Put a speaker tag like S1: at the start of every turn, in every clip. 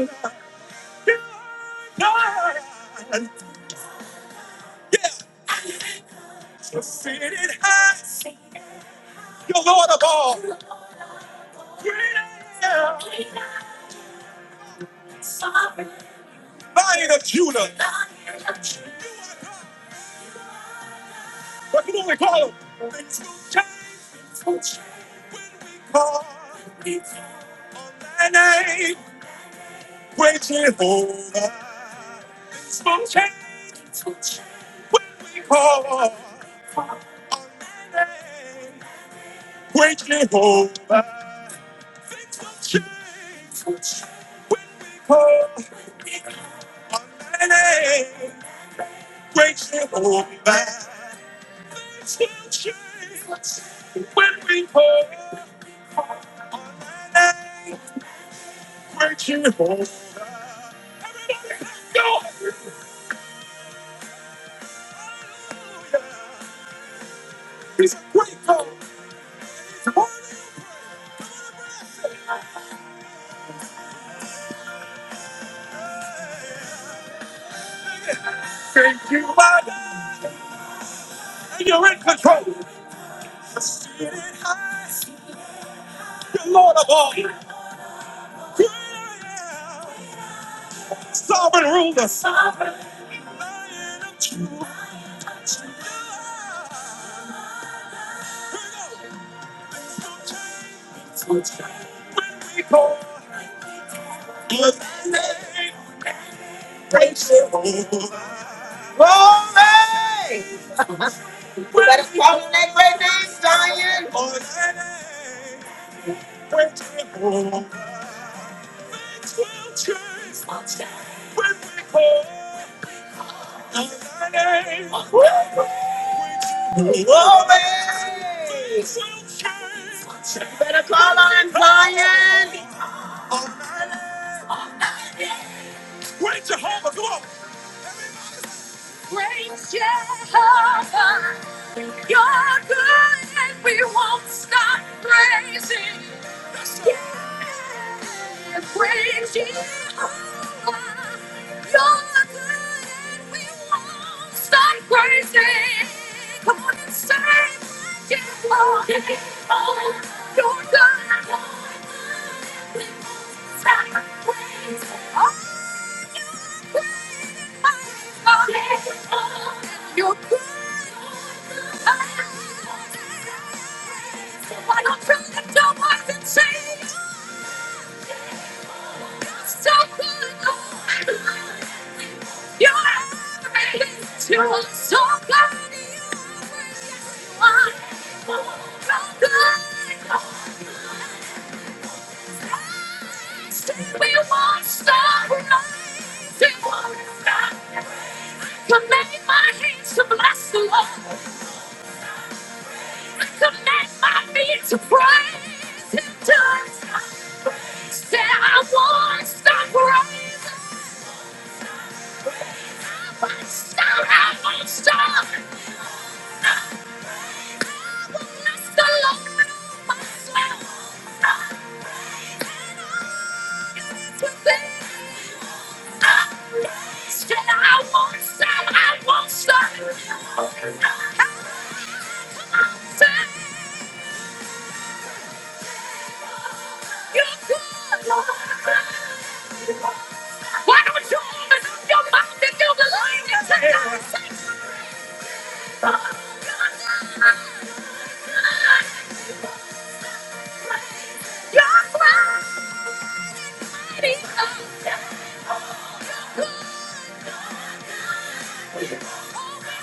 S1: Glory! You better call on that great name, Zion. Woo! You better call on that Great Jehovah, you're good and we won't stop praising. Yeah, great Jehovah, you're good and we won't stop praising. Come on and say, Jehovah, you're good and we won't stop praising. Oh my God, you're good. Why don't you lift your voice and say, so good, Lord. You're everything to us, so good you are. So good, Lord. Say we won't stop rising, won't stop. Command my hands to bless the Lord. Command my feet to praise Him. To stop. say I won't stop rising. Why don't you open up your mouth and you believe it tonight? You're mighty God. We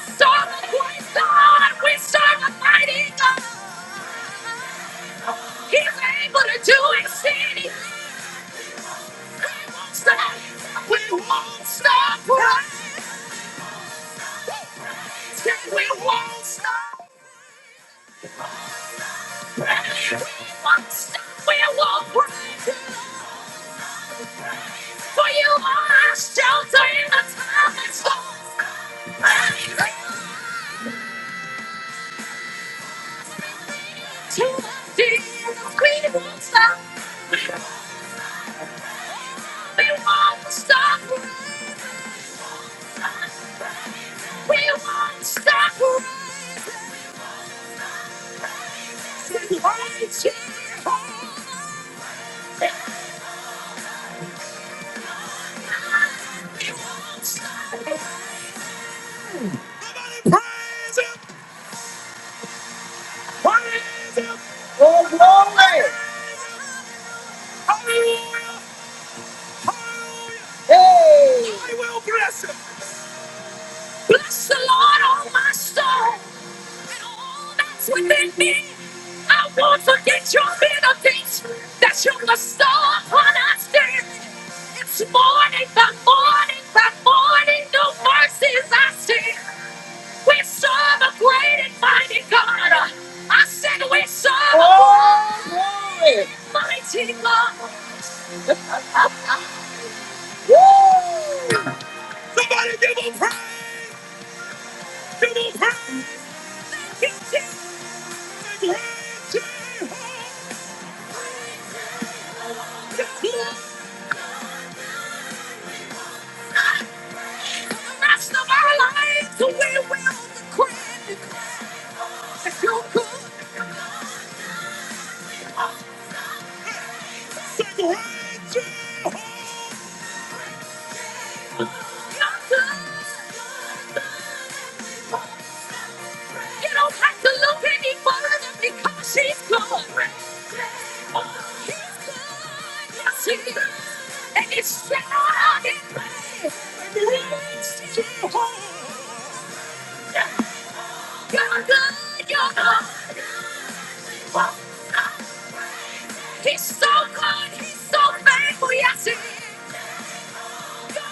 S1: Serve a great God. We serve a mighty God. He's able to do exceeding stop. We won't stop. We won't stop. We won't stop. We won't break. For you are our shelter in the time it's To the deep. We won't stop. We won't stop. We won't stop. Right here. We won't stop. Oh, glory. Hey. Bless the Lord, oh my soul, and all that's within me. I won't forget your benefits that you bestow upon us daily. It's morning by morning by morning, new mercies I see. We serve a great and mighty God. I said we serve oh, a great and mighty God. Woo! Somebody give him praise! Give him praise! He's so good, he's so bad. You're good, you're not. He's so good, he's so bad. We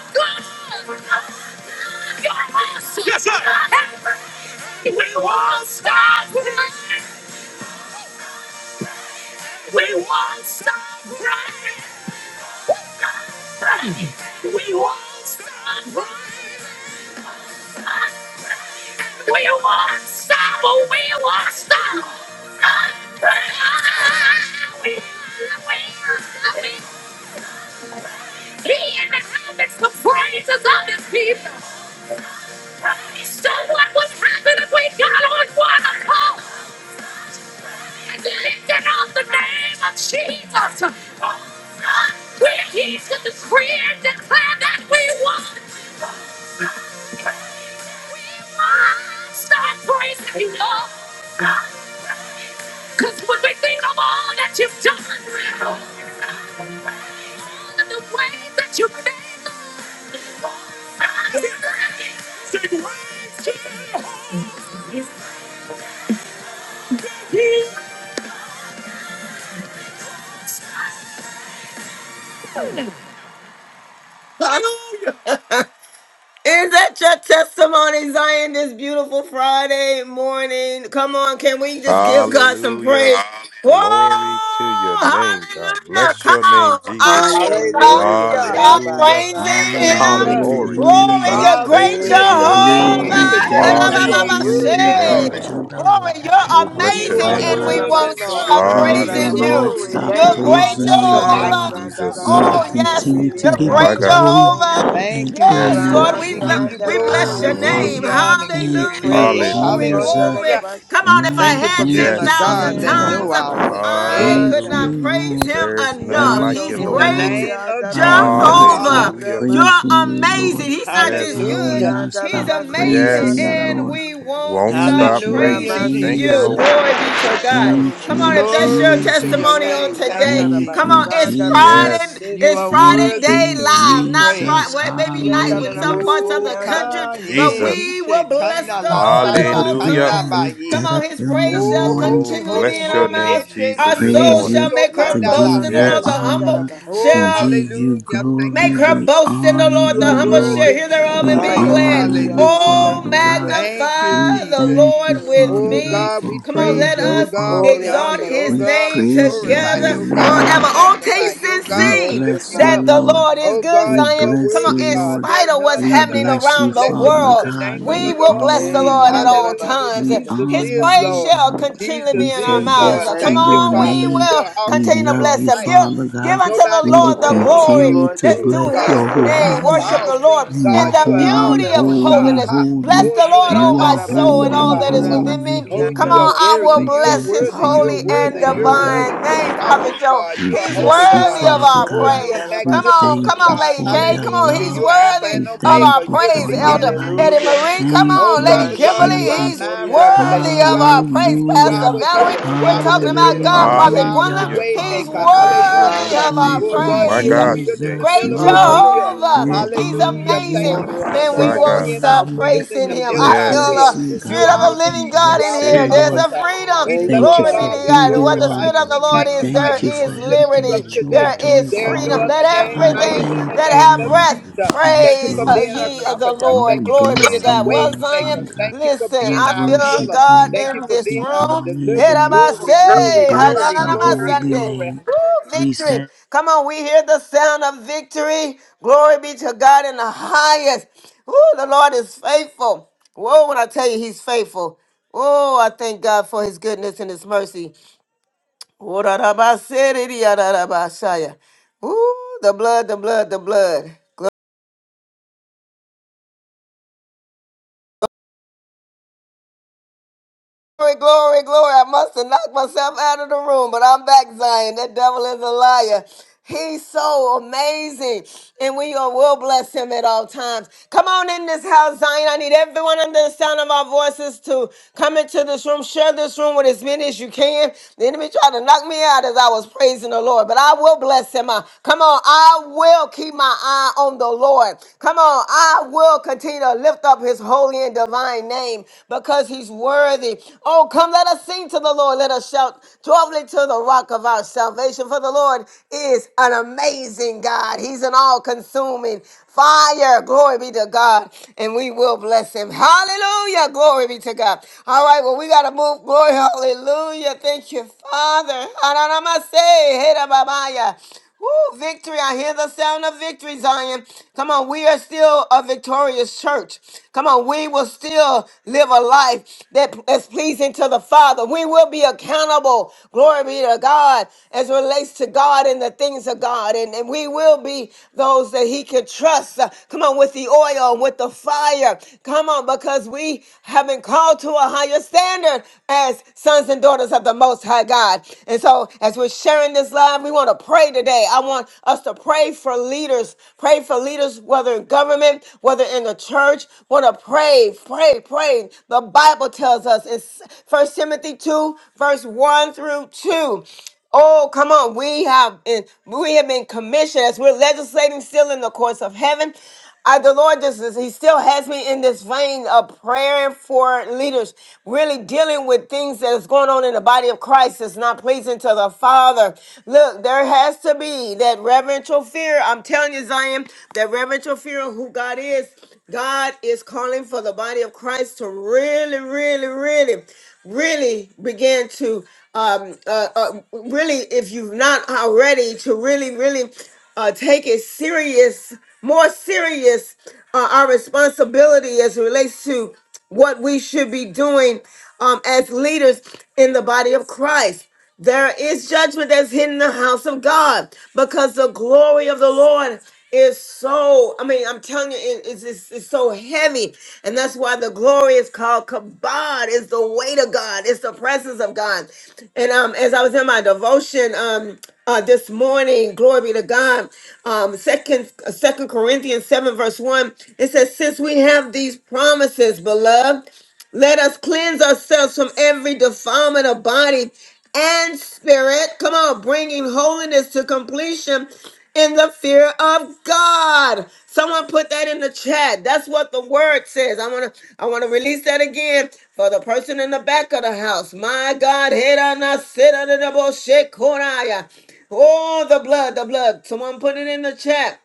S1: won't stop praying. We won't stop praying. We won't stop praying. We won't stop. We won't stop. We we- we, he inhabits the heavens, the praises of his people. Praise to what would happen if we got on one accord. is lifted up the name of Jesus. We're here to decree and declare that we won. We won. Start praising Him, Lord. Because when we think of all that you've done, and the way that you've made us, say, "Praise to the Lord." Is that your testimony, Zion, this beautiful Friday morning? Come on, can we just give God some
S2: Hallelujah.
S1: praise?
S2: Glory to your
S1: Whoa!
S2: name, God.
S1: Hallelujah!
S2: Bless
S1: Come
S2: your name,
S1: on,
S3: Double
S1: I
S2: Jesus.
S1: will not
S4: Hallelujah.
S5: Hallelujah.
S1: stop
S4: Rabba
S2: Hallelujah.
S5: Thank you,
S1: praising
S4: Sanda Rabba.
S1: Him.
S5: Jesus.
S2: Glory
S4: Hey,
S2: be
S6: Hallelujah.
S2: to
S1: Glory,
S2: God.
S1: you're
S7: Hallelujah.
S5: God, we
S2: Thank
S1: great,
S2: you,
S5: bless your
S4: hey,
S2: Jesus.
S8: You're
S1: Jehovah.
S5: name
S7: Glory,
S4: hey,
S8: great, you're
S5: today.
S4: Yanda
S8: great,
S5: You
S7: glory,
S5: are
S8: you're
S4: Rabba
S2: Hallelujah
S8: great,
S2: to
S4: Sori
S2: your
S7: glory
S5: worthy,
S4: Yanda
S2: name,
S7: be
S5: Lord.
S8: Jehovah.
S4: Rabba.
S2: God.
S7: to the
S1: Glory,
S8: We
S7: Lamb
S1: you're
S2: Oh,
S8: won't
S7: of
S2: bless
S8: stop
S4: Hey,
S2: your
S5: You
S1: amazing,
S4: na
S5: are
S4: na
S2: name,
S1: and
S4: na
S7: God.
S1: we
S4: na ma
S2: Jesus.
S5: worthy,
S1: won't
S8: praising.
S4: Sori
S5: Lord.
S1: stop
S5: We
S7: We
S5: give
S4: Yanda
S8: We
S5: you
S7: will
S1: praising
S8: won't
S4: Rabba
S1: you.
S7: not
S2: Hallelujah.
S8: stop
S5: glory.
S7: stop
S4: City.
S5: There's
S1: You're great,
S5: none
S7: praising
S2: Bless
S7: you,
S2: your
S5: other
S8: praising.
S5: like
S4: Rabba
S2: name,
S1: Jehovah.
S7: Lord.
S5: you,
S4: Sanda
S5: God.
S2: Jesus.
S7: We will
S4: Rabba
S1: Oh,
S8: Won't
S1: yes,
S8: stop
S7: continue
S5: Hallelujah.
S4: City
S7: to
S1: the
S5: Thank
S2: Oh,
S4: Yanda
S7: give you
S2: my
S1: great
S5: you,
S4: Rabba
S2: God.
S5: Jesus.
S8: praising.
S7: glory
S4: So.
S1: Jehovah.
S5: Thank
S7: and
S5: you,
S1: Yes,
S2: Yes,
S7: honor
S1: Lord,
S4: Rama
S2: Lord.
S5: Jesus.
S1: we,
S5: We
S1: lo-
S5: give
S7: and
S5: you
S4: Sanda
S1: we bless your
S5: glory.
S4: Rabba
S7: power,
S5: We
S4: City.
S5: give
S2: Mm.
S7: Father
S1: name.
S5: you
S7: God.
S5: honor and give
S7: Thank
S5: you
S1: Hallelujah.
S7: you,
S5: praise.
S4: Ekerobo
S1: Glory,
S2: Hallelujah.
S4: Sanda
S7: Jesus.
S1: glory.
S5: Hallelujah.
S4: Rabba
S1: Come
S4: Shat.
S1: on, if I
S5: Thank
S7: Lord,
S5: you for
S1: had
S5: being
S7: thank
S5: a
S7: you,
S2: Yes.
S1: 10,000
S5: God
S7: Father
S5: that
S4: Enda
S7: God.
S5: know
S1: tongues,
S5: all
S4: Rabba
S5: things.
S1: I
S5: Hey,
S1: could
S7: Thank
S4: Sanda.
S7: you,
S1: not
S2: Hallelujah.
S1: praise
S7: Lord.
S1: him
S2: There is none
S1: enough.
S7: Thank
S2: like
S4: Yanda
S2: you,
S1: He's
S7: you,
S5: in
S4: Bo
S5: the
S2: Lord.
S1: great,
S4: Sori
S7: Lord.
S5: name of
S4: Yanda
S7: I will
S4: Rabba
S5: Jesus.
S7: not
S4: City
S7: stop
S1: Jehovah.
S2: Hallelujah.
S5: Hallelujah.
S1: You're
S4: Rabba
S7: praising
S4: City.
S7: you, Lord.
S1: amazing. He's not just
S2: Yes.
S7: I
S4: Eh,
S7: will
S1: good.
S5: Hallelujah.
S7: not
S1: He's
S7: stop
S4: yandarabasori
S1: amazing,
S7: praising
S2: Yes.
S7: you,
S1: and
S7: Lord.
S4: andarabash.
S1: we won't
S2: Won't
S1: stop
S7: Thank
S2: stop
S7: you,
S2: praising
S5: Hallelujah,
S2: him.
S1: praising
S4: Ramasi
S2: Thank
S5: Jesus.
S2: you,
S1: you.
S7: Jesus.
S2: Lord.
S1: Glory be to
S4: andarabasete
S1: God.
S2: Mm.
S7: Thank
S1: Come
S4: romosh.
S1: on,
S7: you,
S1: if that's your
S5: Glory to your
S7: Jesus.
S1: testimony on
S4: Eh,
S5: name. Thank you,
S1: today,
S7: Thank
S1: come
S5: Jesus.
S1: on.
S7: you,
S8: Yere
S1: It's
S4: yandarabasanda
S7: Jesus.
S1: Friday.
S2: Yes.
S5: You
S1: It's
S4: ramasete.
S5: are
S1: Friday
S7: Thank
S5: worthy
S1: day
S7: you,
S5: to be
S1: live, not Friday.
S7: Jesus.
S5: praised.
S1: Well, maybe night in
S7: Hallelujah.
S1: some parts of
S4: Yandaramasori
S1: the
S5: Ooh,
S1: country,
S4: andarabas.
S1: but
S5: kanye, he
S2: Jesus.
S1: we will bless
S5: shaitanda
S1: the
S5: la
S1: Lord at
S5: sata
S7: Good
S1: all
S7: news
S2: Hallelujah.
S7: I
S5: kanda
S1: times.
S7: will
S1: Come
S5: baye.
S7: get
S1: on,
S7: up
S1: His
S7: in the
S1: praise shall
S5: Oh,
S7: morning
S5: holy,
S2: Oh,
S1: continually be
S5: holy,
S1: in
S2: bless
S1: our
S2: your
S5: holy. He
S2: name,
S1: mouths.
S5: she
S1: Our
S2: Jesus,
S5: she
S2: this
S5: ke
S1: soul
S7: praise
S2: morning.
S1: shall
S7: you,
S5: buto
S1: make her
S7: to
S5: kanda la
S1: boast
S7: give
S1: in the
S7: you
S1: Lord.
S4: Yandaramasori
S5: sata.
S1: The
S2: Yes.
S1: humble
S7: honor,
S4: andarabas.
S5: Oh,
S7: to
S1: shall
S7: give you
S5: hallelujah. Thank
S1: Make
S5: you,
S7: glory.
S1: her
S7: We
S5: Jesus.
S1: boast in the
S7: honor
S1: Lord,
S5: You
S1: the
S5: are
S7: you,
S1: humble shall
S7: Lord.
S5: worthy
S1: hear
S5: to
S1: thereof
S5: be
S1: and
S7: We
S1: be
S5: praised.
S1: glad.
S7: honor
S4: Hallelujah,
S7: you,
S5: Hallelujah.
S1: Oh,
S7: Father God.
S4: hallelujah.
S5: Thank you,
S7: We
S1: magnify the
S5: Jesus.
S7: thank you,
S1: Lord
S4: Mm.
S1: with
S7: Father
S5: Oh
S7: God,
S1: me.
S5: God, we
S7: for
S1: Come on,
S7: who
S5: praise
S1: let
S5: you. Oh
S7: you
S1: us
S7: are.
S5: God, we
S4: Ori
S5: honor
S1: exalt
S5: you. Oh
S1: his
S7: We
S5: God,
S4: andarabash.
S1: name
S5: we
S7: praise your
S5: glorify
S1: together
S5: you. Oh
S1: forever.
S5: God,
S7: holy
S5: we
S7: name.
S1: Oh,
S5: magnify
S1: taste
S5: you.
S1: and
S5: Oh
S7: We
S5: God, we
S1: see
S4: Thank you,
S5: lift
S7: bless
S5: you
S7: you,
S1: that
S5: up.
S4: Father.
S1: the
S7: Lord.
S1: Lord is
S5: Oh
S1: good,
S7: We
S5: God, you
S1: Zion.
S5: are
S1: Come
S7: bless
S1: on,
S7: you,
S5: worthy,
S1: in
S5: God.
S7: Lord.
S1: spite
S5: There's
S1: of what's
S5: none
S7: We
S5: other
S1: happening
S5: like
S7: bless
S5: you.
S7: you,
S1: around the
S5: Blessed
S7: Father
S5: be
S1: world,
S5: the
S7: God.
S5: name of
S1: we
S5: the
S7: We
S1: will
S5: Lord.
S1: bless the
S8: Shit,
S4: Hey,
S7: honor
S1: Lord at
S7: you.
S1: all
S5: Hallelujah.
S1: times.
S7: We
S4: yandarabasandara.
S5: Jesus
S1: His
S7: honor
S5: is
S1: praise
S7: you,
S5: Lord.
S1: shall
S7: God.
S1: continually be
S5: Jesus
S7: We
S1: in our
S7: said
S5: is
S4: Thank you,
S1: mouths.
S7: yes
S5: Lord.
S1: Come
S4: thank
S7: to
S5: Thank you,
S4: you,
S7: your
S1: on,
S4: thank
S1: we
S5: Father.
S4: you.
S7: name.
S5: You
S1: will
S5: are
S7: We
S5: awesome.
S1: continue to
S5: You
S7: love
S5: are
S1: bless
S7: you,
S1: him. Give,
S5: mighty.
S7: Father
S1: give
S7: God.
S1: unto the
S5: Nobody
S7: We
S5: can
S7: will
S1: Lord the
S5: do
S1: the
S5: us
S4: Thank
S5: like
S4: you,
S5: you
S1: glory
S7: continue
S5: can
S4: Lord
S7: to
S1: that's
S5: do us,
S1: due
S7: bless
S4: Jesus.
S5: God.
S1: his
S7: your
S5: You are
S7: holy
S1: name.
S5: God of
S7: name.
S1: Worship
S5: all
S1: the Lord
S5: seeing,
S7: You are
S5: God.
S1: in the
S5: You are all
S7: holy,
S1: beauty of
S5: knowing,
S7: holy,
S5: God.
S4: Hallelujah.
S1: holiness.
S5: Ha.
S1: Bless
S7: holy.
S5: Oh,
S1: the
S5: you
S1: Lord, oh
S7: You
S5: are
S1: my
S7: are
S1: soul, and
S5: omnipotent,
S1: all
S7: holy,
S1: that
S5: Father
S1: is
S5: God.
S1: within
S7: holy,
S1: me.
S5: Oh,
S1: Come
S5: you are
S7: holy.
S1: on, I will
S4: Sandarabasekeramasiandarabasur.
S5: worthy.
S7: We
S5: You are
S7: thank
S1: bless his
S7: you
S5: worthy.
S7: for the
S5: You are
S1: holy
S7: light,
S1: and
S5: worthy.
S7: Father
S4: Thank
S5: You're
S4: you.
S7: God.
S5: holy.
S1: divine
S5: You are
S1: name, Prophet
S5: righteous,
S1: Joe.
S5: God.
S7: We
S5: You are
S1: He's
S5: holy,
S7: bless you,
S5: God.
S1: worthy of
S7: Father
S1: our
S4: Yandarabasur,
S5: Oh,
S7: God.
S5: you are
S1: praise. Come
S7: We
S1: on,
S5: magnificent,
S1: come
S7: thank
S4: yandarabashike.
S7: you
S1: on,
S5: God.
S1: Lady
S7: for
S1: K.
S7: your
S1: Come on,
S5: Hallelujah.
S1: he's
S7: love.
S5: You are Alpha
S1: worthy
S5: and
S7: We
S1: of
S5: Omega.
S1: our
S7: thank you
S5: You are the
S1: praise,
S7: for your
S1: Elder
S5: beginning and
S7: light.
S1: Eddie
S4: Hallelujah.
S5: the end.
S1: Marie. Come
S7: Thank
S5: Oh,
S1: on, Lady
S7: you,
S5: Father God,
S1: Kimberly.
S5: you are our
S1: He's
S7: Jesus.
S4: Sandarabasur,
S5: mind regulator.
S1: worthy
S5: You
S4: yandarabash.
S1: of
S5: are
S1: our
S5: our
S1: praise,
S5: peace.
S8: Oh
S5: You
S8: na
S5: are
S8: na
S1: Pastor
S7: Hallelujah.
S5: our
S8: na na
S1: Valerie.
S5: healer.
S8: na
S5: You
S4: Thank
S5: are
S8: na na
S1: We're
S4: you,
S5: our
S8: na na
S1: talking
S4: thank
S8: na na
S4: you,
S1: about
S5: deliverer.
S8: na.
S1: God,
S4: thank
S5: You
S4: you.
S1: Prophet
S5: are the
S1: Gwendolyn.
S7: Hallelujah,
S2: Hallelujah.
S5: way
S8: Glory,
S1: He's
S7: Father
S5: maker.
S8: glory,
S7: God.
S2: Bless your
S8: glory,
S1: worthy worthy
S5: Hallelujah.
S2: name,
S1: of
S8: glory,
S1: our
S5: Oh,
S7: Thank
S2: Jesus.
S4: Hallelujah.
S7: you,
S5: God,
S2: My
S5: you're
S1: praise.
S5: a
S8: glory.
S2: God,
S5: wheel in the
S2: today.
S7: Jesus,
S1: Great
S5: middle of
S2: Woo.
S5: a
S7: Lord.
S8: You
S5: wheel.
S1: Jehovah,
S4: Hallelujah.
S7: We
S2: Mm.
S1: He's
S8: worthy,
S7: honor
S5: Hallelujah. Thank
S1: amazing,
S7: you.
S5: you,
S8: worthy.
S5: Jesus,
S1: and
S8: Ah,
S7: We
S1: we
S2: My
S8: da,
S5: for
S8: da,
S1: won't
S8: da,
S2: God.
S5: being
S8: da,
S7: honor
S4: Oriandarabasi.
S5: our
S8: da,
S1: stop
S8: da,
S5: wheel
S7: you.
S8: da.
S5: in
S1: praising
S5: the
S4: We
S1: Him.
S5: middle
S7: We
S1: I
S5: of
S4: bless
S8: We
S5: our
S4: your
S1: feel
S2: Yes.
S8: won't
S5: wheel.
S7: bless
S1: the
S4: name
S8: stop
S7: you,
S4: this
S5: You
S1: Spirit
S4: morning.
S1: of
S7: God.
S1: the
S5: are
S8: praise.
S7: We
S1: living
S5: peace.
S1: God
S5: You
S1: in
S5: are
S7: bless you,
S8: We
S1: here.
S5: a
S2: Hey.
S8: won't
S1: There's
S7: Lord.
S1: a
S8: stop
S5: comforter.
S1: freedom.
S5: We
S4: Thank
S5: love
S8: praise.
S4: you,
S7: Thank you
S5: you,
S1: Glory be to
S7: for
S5: Lord.
S4: Father.
S9: Hallelujah,
S5: We
S7: who
S1: God. And
S7: you
S1: what
S8: Oh,
S1: the
S7: are.
S9: hallelujah.
S5: glorify
S1: Spirit
S5: you.
S1: of
S9: Thank
S1: the
S5: We
S9: you,
S7: We
S1: Lord is,
S9: Father.
S8: oh,
S5: magnify
S1: there
S7: thank
S5: you.
S9: You
S8: oh.
S7: you
S5: We
S8: Yeah,
S7: for
S1: is
S8: da, da,
S9: worthy.
S5: lift
S8: da, da,
S5: you
S7: everything
S5: up
S1: liberty,
S8: da,
S7: that
S9: You
S8: da,
S9: are
S7: you
S8: da,
S7: are
S5: today.
S1: there
S8: da.
S9: worthy
S7: doing
S1: is
S9: of
S5: There
S7: for
S5: is
S9: all
S5: no
S1: freedom.
S9: our
S7: me.
S5: other
S1: Let
S8: Oh, da,
S9: praise,
S8: da,
S5: name
S7: I
S8: da,
S5: higher
S8: da,
S9: Father.
S8: da,
S1: everything
S5: than
S8: da,
S5: the
S8: da,
S7: thank
S1: that
S7: you,
S5: name
S8: da,
S1: have
S8: da,
S5: of
S8: da,
S7: Lord.
S9: Thank
S8: da,
S1: breath
S8: da.
S9: you,
S5: Jesus.
S9: Father.
S7: Yes,
S5: Thank you
S1: praise
S5: for
S9: Thank
S7: Lord.
S1: uh,
S8: Yeah,
S5: being
S8: da,
S9: you,
S5: a
S8: da,
S1: ye
S8: da, da, da,
S1: of the
S8: da,
S9: Father.
S8: da,
S5: comforter.
S1: Lord.
S5: Thank
S7: We
S5: you for
S1: Glory
S8: da,
S1: be to
S5: being
S7: bless
S5: a
S8: da, da, da, da,
S7: your
S1: God.
S8: da,
S9: Hallelujah,
S5: way
S1: Well,
S7: name,
S5: maker.
S1: Zion,
S7: Father
S9: hallelujah,
S7: God.
S5: Thank you
S9: hallelujah.
S5: for
S1: listen,
S7: We
S5: being
S8: Okay,
S1: I
S5: our
S8: yeah, na,
S1: feel
S8: na,
S7: worship
S5: healer.
S8: na, na, da,
S1: God
S7: you.
S5: Thank
S8: da,
S5: you
S1: in
S5: for
S8: da,
S1: this
S7: We
S5: being
S8: da.
S5: our
S1: room.
S7: honor
S1: Here
S5: deliverer.
S7: you.
S8: Oh,
S1: I
S8: na,
S5: Glory,
S8: na,
S4: Bye,
S8: na,
S7: We
S8: na,
S5: glory,
S8: da,
S4: bye,
S8: da, da,
S7: bless
S5: glory,
S4: bye.
S7: your
S8: da,
S1: say,
S5: glory,
S8: da.
S7: holy
S8: Yeah,
S1: Sunday
S8: da,
S5: glory.
S8: da,
S7: name.
S8: da.
S7: We
S1: victory.
S7: say
S1: Come on, we hear the sound of victory. Glory be to God in the highest. Oh, the Lord is faithful. Whoa, when I tell you he's faithful. Oh, I thank God for his goodness and his mercy. Oh, da da ba si di di, ah, da da ba si Ooh, the blood, the blood, the blood. Glory, glory, glory. I must have knocked myself out of the room, but I'm back, Zion. That devil is a liar. He's so amazing. And we are- will bless him at all times. Come on in this house, Zion. I need everyone under the sound of our voices to come into this room. Share this room with as many as you can. The enemy tried to knock me out as I was praising the Lord, but I will bless him. I- Come on. I will keep my eye on the Lord. Come on. I will continue to lift up his holy and holy and divine name because he's worthy. Oh, come, let us sing to the Lord. Let us shout joyfully to the rock of our salvation. For the Lord is an amazing God. He's an all consuming fire. Glory be to God. And we will bless him. Hallelujah. Glory be to God. All right, well, we got to move. Glory. Hallelujah. Thank you, Father. Hananamase, herababaya. Woo, victory. I hear the sound of victory, Zion. Come on, we are still a victorious church. Come on, we will still live a life that is pleasing to the Father. We will be accountable. Glory be to God as it relates to God and the things of God. And, and we will be those that He can trust. Uh, come on, with the oil, with the fire. Come on, because we have been called to a higher standard as sons and daughters of the Most High God. And so, as we're sharing this live. We want to pray today. I want us to pray for leaders. Pray for leaders, whether in government, whether in the church. Want to pray, pray, pray. The Bible tells us in First Timothy 2, verse 1 through 2. Oh, come on. We have been, we have been commissioned as we're legislating still in the courts of heaven. Uh, the Lord just is, He still has me in this vein of praying for leaders, really dealing with things that is going on in the body of Christ that's not pleasing to the Father. Look, there has to be that reverential fear. I'm telling you, Zion, that reverential fear of who God is. God is calling for the body of Christ to really, really, really, really begin to um uh, uh really if you've not already to really really uh, take it serious, more serious, uh, our responsibility as it relates to what we should be doing um, as leaders in the body of Christ. There is judgment that's hidden in the house of God because the glory of the Lord is so, I mean, I'm telling you, it- it's, it's, it's so heavy. And that's why the glory is called kabod. It's the weight of God. It's the presence of God. And um, as I was in my devotion, um, uh, this morning. Glory be to God. Um, second, uh, second Corinthians seven verse one. It says, "Since we have these promises, beloved." Let us cleanse ourselves from every defilement of body and spirit. Come on, bringing holiness to completion in the fear of God. Someone put that in the chat. That's what the word says. I want to I want to release that again for the person in the back of the house. My God, head on us, sit under the bullshit corner. Oh, the blood, the blood. Someone put it in the chat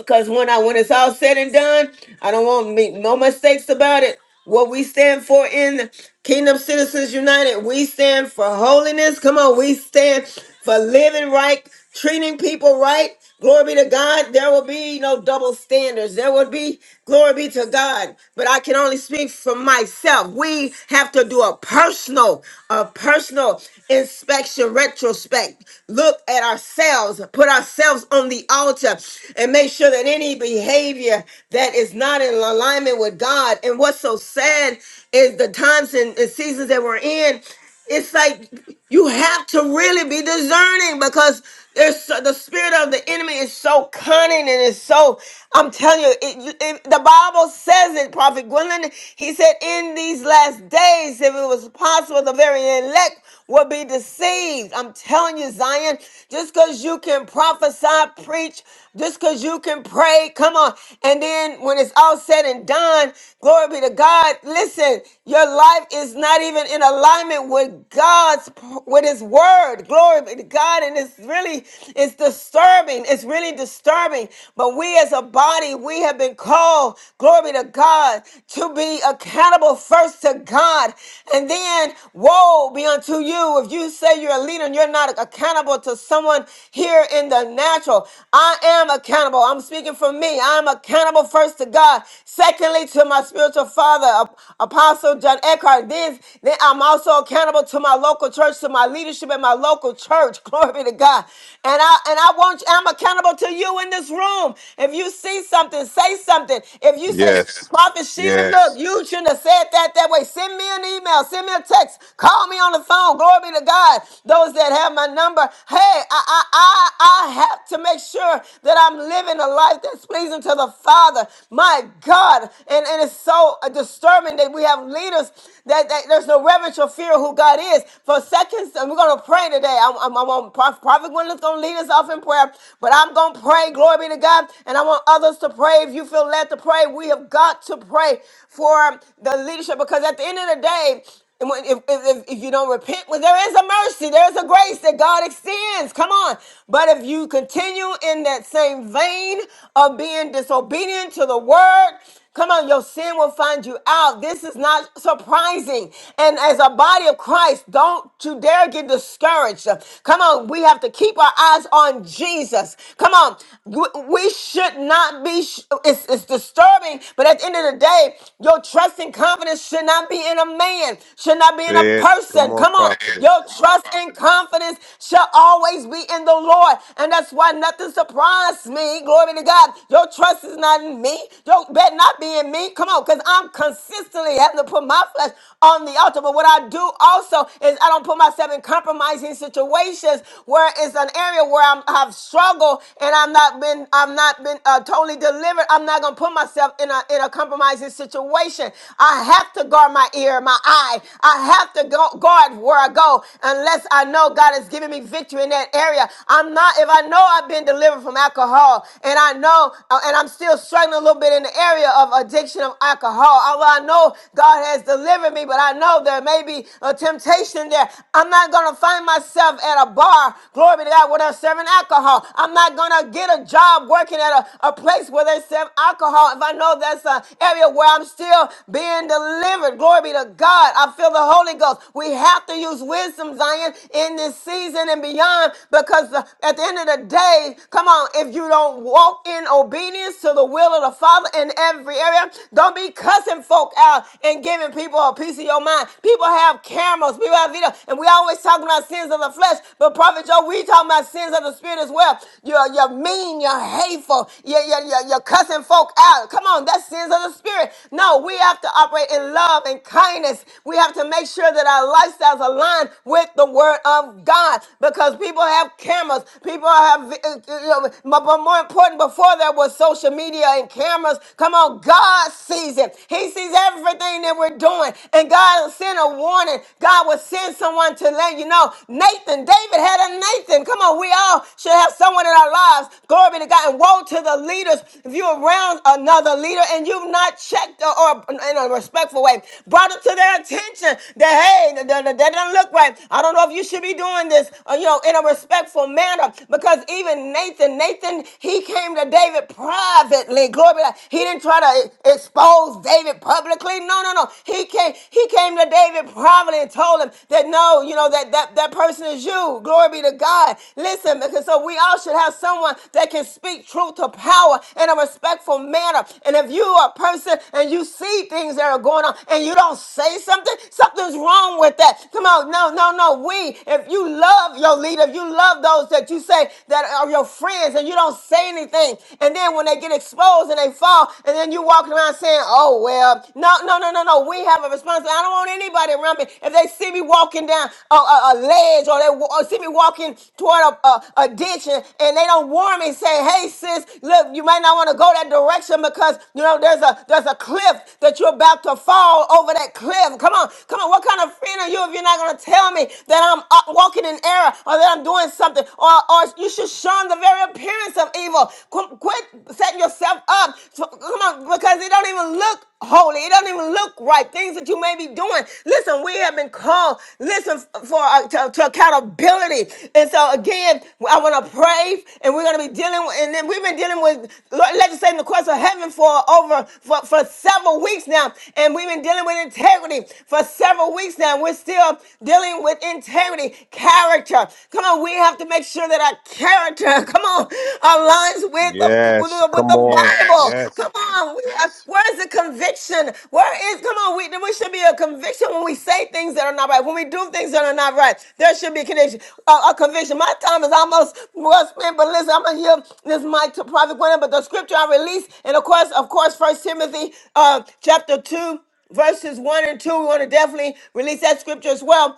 S1: because when I when it's all said and done, I don't want to make no mistakes about it. What we stand for in Kingdom Citizens United, we stand for holiness. Come on, we stand for living right, treating people right. Glory be to God. There will be no double standards. There will be glory be to God. But I can only speak for myself. We have to do a personal, a personal inspection, retrospect. Look at ourselves, put ourselves on the altar and and make sure that any behavior that is not in alignment with God. And what's so sad is the times and and seasons that we're in, it's like you have to really be discerning because there's so, the spirit of the enemy is so cunning and it's so i'm telling you it, you- it- the bible says it prophet gwendolyn he said in these last days if it was possible the very elect will be deceived i'm telling you zion just because you can prophesy preach just because you can pray. Come on. And then when it's all said and done, glory be to God. Listen, your life is not even in alignment with God's, with His word. Glory be to God. And it's really, it's disturbing. It's really disturbing. But we as a body, we have been called, glory be to God, to be accountable first to God. And then, woe be unto you if you say you're a leader and you're not accountable to someone here in the natural. I am accountable. I'm speaking for me. I'm accountable first to God. Secondly, to my spiritual father, Ap- Apostle John Eckhart. Then, then I'm also accountable to my local church, to my leadership in my local church. Glory be to God. And I and I want I'm accountable to you in this room. If you see something, say something. If you say, Yes.
S2: Yes.
S1: Prophet Sheila, Yes.
S2: Yes.
S1: look, you shouldn't have said that that way. Send me an email. Send me a text. Call me on the phone. Glory be to God. Those that have my number. Hey, I I I, I have to to make sure that I'm living a life that's pleasing to the Father. My God. And, and it's so uh, disturbing that we have leaders that, that there's no reverence or fear of who God is. For seconds, and we're going to pray today. I'm, I'm, I'm on Prophet Gwendolyn's going to lead us off in prayer, but I'm going to pray. Glory be to God. And I want others to pray. If you feel led to pray, we have got to pray for the leadership because at the end of the day, and when, if, if, if, if you don't repent, well, there is a mercy, there is a grace that God extends. Come on. But if you continue in that same vein of being disobedient to the word, come on, your sin will find you out. This is not surprising. And as a body of Christ, don't you dare get discouraged. Come on, we have to keep our eyes on Jesus. Come on, we we should not be, sh- it's, it's disturbing, but at the end of the day, your trust and confidence should not be in a man, should not be in a
S2: Say it. Come
S1: person.
S2: on,
S1: Come on. Your
S2: prophetess.
S1: trust and confidence shall always be in the Lord. And that's why nothing surprised me. Glory to God. Your trust is not in me. Your bet not be in me. Come on, because I'm consistently having to put my flesh on the altar. But what I do also is I don't put myself in compromising situations where it's an area where I'm, I've struggled and I'm not been I'm not been uh, totally delivered delivered. I'm not gonna put myself in a in a compromising situation. I have to guard my ear, my eye. I have to go, guard where I go, unless I know God has given me victory in that area. I'm not. If I know I've been delivered from alcohol, and I know, uh, and I'm still struggling a little bit in the area of addiction of alcohol. Although I know God has delivered me, but I know there may be a temptation there. I'm not gonna find myself at a bar. Glory be to God, without serving alcohol. I'm not not going to get a job working at a, a place where they sell alcohol if I know that's an area where I'm still being delivered. Glory be to God. I feel the Holy Ghost. We have to use wisdom, Zion, in this season and beyond because uh, at the end of the day, come on, if you don't walk in obedience to the will of the Father in every area, don't be cussing folk out and giving people a piece of your mind. People have cameras, people have video, and we always talking about sins of the flesh, flesh. But Prophet Joe, we talking about sins of the spirit as well. You're, you're mean, you're hateful, you're, you're, you're, you're cussing folk out. Come on, that's sins of the spirit. No, we have to operate in love and kindness. We have to make sure that our lifestyles align with the word of God because people have cameras. People have, uh, uh, uh, but but more important, before there was social media and cameras, come on, God sees it. He sees everything that we're doing. And God sent a warning God will send someone to let you know. Nathan, David had a Nathan. Come on, we all should have someone in our lives. Glory be to God. And woe to the leaders if you're around another leader and you've not checked or, or in a respectful way brought it to their attention that hey, that, that, that doesn't look right. I don't know if you should be doing this, uh, you know, in a respectful manner because even Nathan, Nathan, he came to David privately. Glory be to God. He didn't try to expose David publicly. David. No, no, no. He came, he came to David privately and told him that no, you know, that that, that person is you. Glory be to God. Listen, because so we all should have someone that can speak truth to power in a respectful manner. And if you are a person and you see things that are going on and you don't say something, something's wrong with that. Come on, no, no, no. We, if you love your leader, if you love those that you say that are your friends and you don't say anything, and then when they get exposed and they fall, wall, and then you walking around saying, "Oh well." No, no, no, no, no. We have a responsibility. I don't want anybody around me if they see me walking down a, a, a ledge or they wa- or see me walking toward a, a, a ditch and, and they don't warn me. Say, "Hey, sis, look, you might not want to go that direction because you know there's a there's a cliff that you're about to fall over that cliff. Come on, come on. What kind of friend are you if you're not going to tell me that I'm up walking in error or that I'm doing something or or you should shun the very appearance of of evil. Qu- Quit setting yourself up. So- Come on, because it don't even look holy. It don't even look right. Things that you may be doing. Listen, we have been called. Listen f- for uh, to, to accountability. And so again, I want to pray, and we're going to be dealing. With, and then we've been dealing with Lord, legislating the courts of heaven for over for, for several weeks now, and we've been dealing with integrity for several weeks now. We're still dealing with integrity, character. Come on, we we have to make sure that our character, come on, aligns with the with
S2: Yes.
S1: the, with
S2: Come
S1: the
S2: on.
S1: Bible. Yes.
S2: Yes.
S1: Come on, we have, where is the conviction? Where is come on? We there should be a conviction when we say things that are not right. When we do things that are not right, there should be conviction. A, a conviction. My time is almost well spent, but listen, I'm gonna give this mic to Prophet Gwendolyn. But the scripture I release, and of course, of course, First Timothy, uh, chapter two verses 1 and 2 we want to definitely release that scripture as well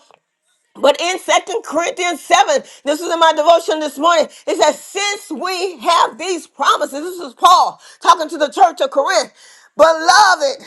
S1: but in Second Corinthians 7, this was in my devotion this morning, it says, Since we have these promises, this is Paul talking to the church of Corinth, beloved,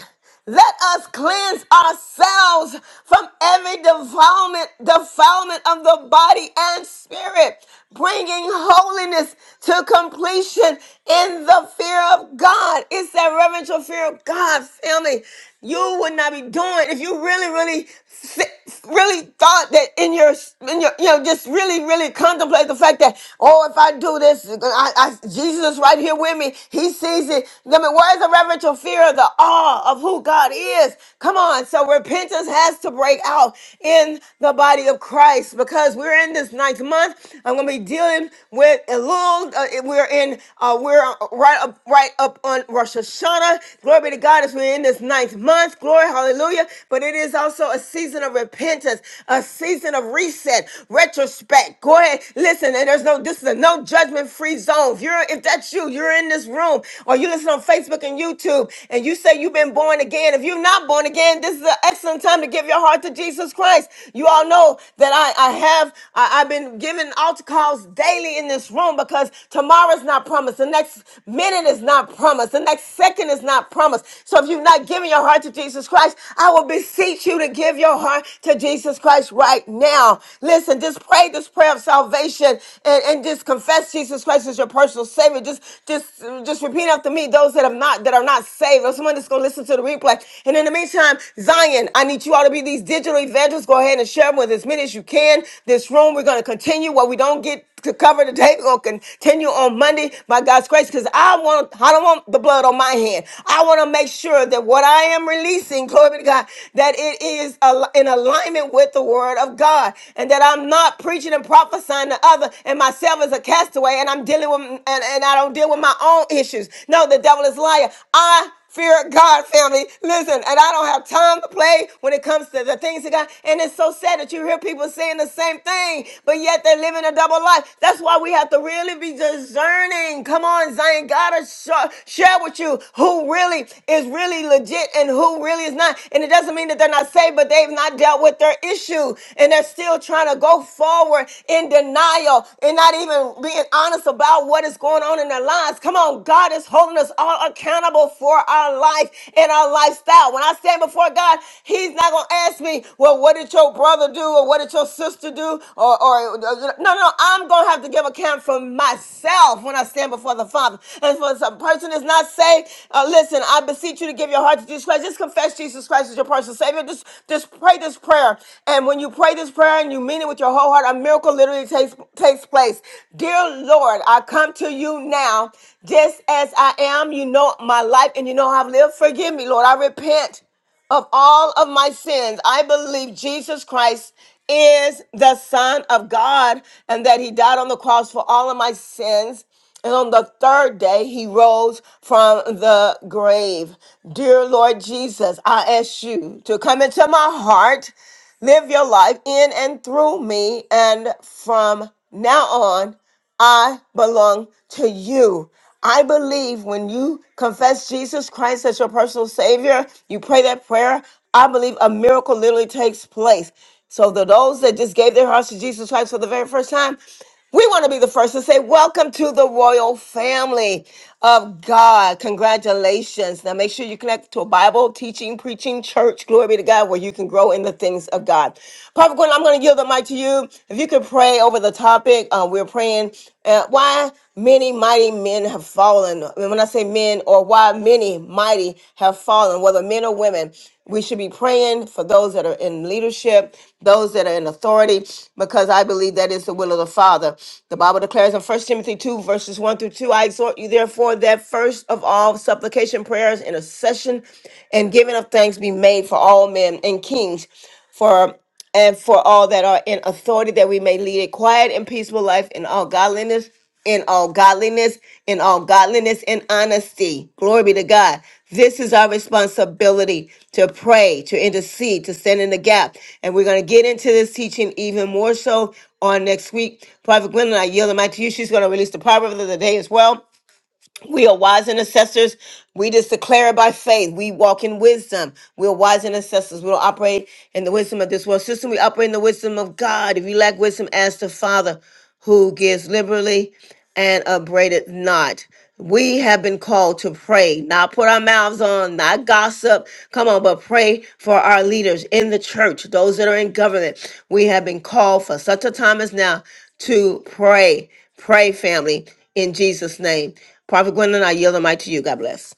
S1: let us cleanse ourselves from every defilement, defilement of the body and spirit, bringing holiness to completion in the fear of God. It's that reverential fear of God, family. You would not be doing if you really, really s- really thought that in your, in your, you know, just really, really contemplate the fact that, oh, if I do this, I, I, Jesus is right here with me. He sees it. I mean, where's the reverential fear of the awe of who God is? Come on. So repentance has to break out in the body of Christ because we're in this ninth month. I'm going to be dealing with Elul. Uh, we're in, uh, we're right up, right up on Rosh Hashanah. Glory be to God as we're in this ninth ninth month. Glory, hallelujah. But it is also a season of repentance, a season of reset, retrospect. Go ahead. Listen, and there's no, this is a no judgment free zone. If you're, if that's you, you're in this room or you listen on Facebook and YouTube and you say you've been born again. If you're not born again, this is an excellent time to give your heart to Jesus Christ. You all know that I, I have, I, I've been giving altar calls daily in this room because tomorrow's not promised. The next minute is not promised not promised. The next second is not promised. So if you're not giving your heart to Jesus Christ, I will beseech you to give your heart to Jesus Christ right now. Listen, just pray this prayer of salvation and, and just confess Jesus Christ as your personal savior. Just just just repeat after me those that have not that are not saved. Or someone that's gonna listen to the replay. And in the meantime, Zion, I need you all to be these digital evangelists. Go ahead and share them with as many as you can. This room, we're gonna continue what we don't get to cover today. We're gonna continue continue on Monday by God's grace because I want, I don't want the blood on my hand. I want to make sure that what I am releasing, glory be to God, that it is al- in alignment with the word of God and that I'm not preaching and prophesying to other and myself as a castaway and I'm dealing with, and, and I don't deal with my own issues. No, the devil is a liar. I Fear God, family. Listen, and I don't have time to play when it comes to the things of God. And it's so sad that you hear people saying the same thing, but yet they're living a double life. That's why we have to really be discerning. Come on, Zion. God, to show, share with you who really is really legit and who really is not. And it doesn't mean that they're not saved, but they've not dealt with their issue and they're still trying to go forward in denial and not even being honest about what is going on in their lives. Come on, God is holding us all accountable for our life and our lifestyle. When I stand before God, He's not going to ask me, well, what did your brother do or what did your sister do? Or, or no, no, no, I'm going to have to give account for myself when I cannot stand before the Father. And for some person is not saved, uh, listen, I beseech you to give your heart to Jesus Christ. Just confess Jesus Christ as your personal Savior. Just, just pray this prayer. And when you pray this prayer and you mean it with your whole heart, a miracle literally takes, takes place. Dear Lord, I come to you now just as I am. You know my life and you know how I've lived. Forgive me, Lord. I repent of all of my sins. I believe Jesus Christ is the Son of God and that He died on the cross for all of my sins. And on the third day, He rose from the grave. Dear Lord Jesus, I ask you to come into my heart, live your life in and through me, and from now on. I belong to you. I believe when you confess Jesus Christ as your personal Savior, you pray that prayer, I believe a miracle literally takes place. So, the those that just gave their hearts to Jesus Christ for the very first time, we want to be the first to say, Welcome to the royal family of God. Congratulations. Now, make sure you connect to a Bible, teaching, preaching church. Glory be to God, where you can grow in the things of God. Prophet Gordon, I'm going to give the mic to you. If you could pray over the topic, uh, we're praying uh, why many mighty men have fallen. And when I say men, or why many mighty have fallen, whether men or women, we should be praying for those that are in leadership, those that are in authority, because I believe that is the will of the Father. The Bible declares in First Timothy 2, verses 1 through 2, I exhort you therefore that first of all supplication, prayers, intercession, and giving of thanks be made for all men and kings. For and for all that are in authority, that we may lead a quiet and peaceful life in all godliness, in all godliness, in all godliness and honesty. Glory be to God. This is our responsibility to pray, to intercede, to stand in the gap. And we're going to get into this teaching even more so on next week. Prophet Gwendolyn, I yield the mic to you. She's going to release the proverb of the day as well. We are wise intercessors. We just declare it by faith. We walk in wisdom. We are wise intercessors. We don't operate in the wisdom of this world system. We operate in the wisdom of God. If you lack wisdom, ask the Father who gives liberally and upbraideth not. We have been called to pray, not put our mouths on, not gossip. Come on, but pray for our leaders in the church, those that are in government. We have been called for such a time as now to pray. Pray, family. In Jesus' name. Prophet Gwendolyn, I yield the mic to you. God bless.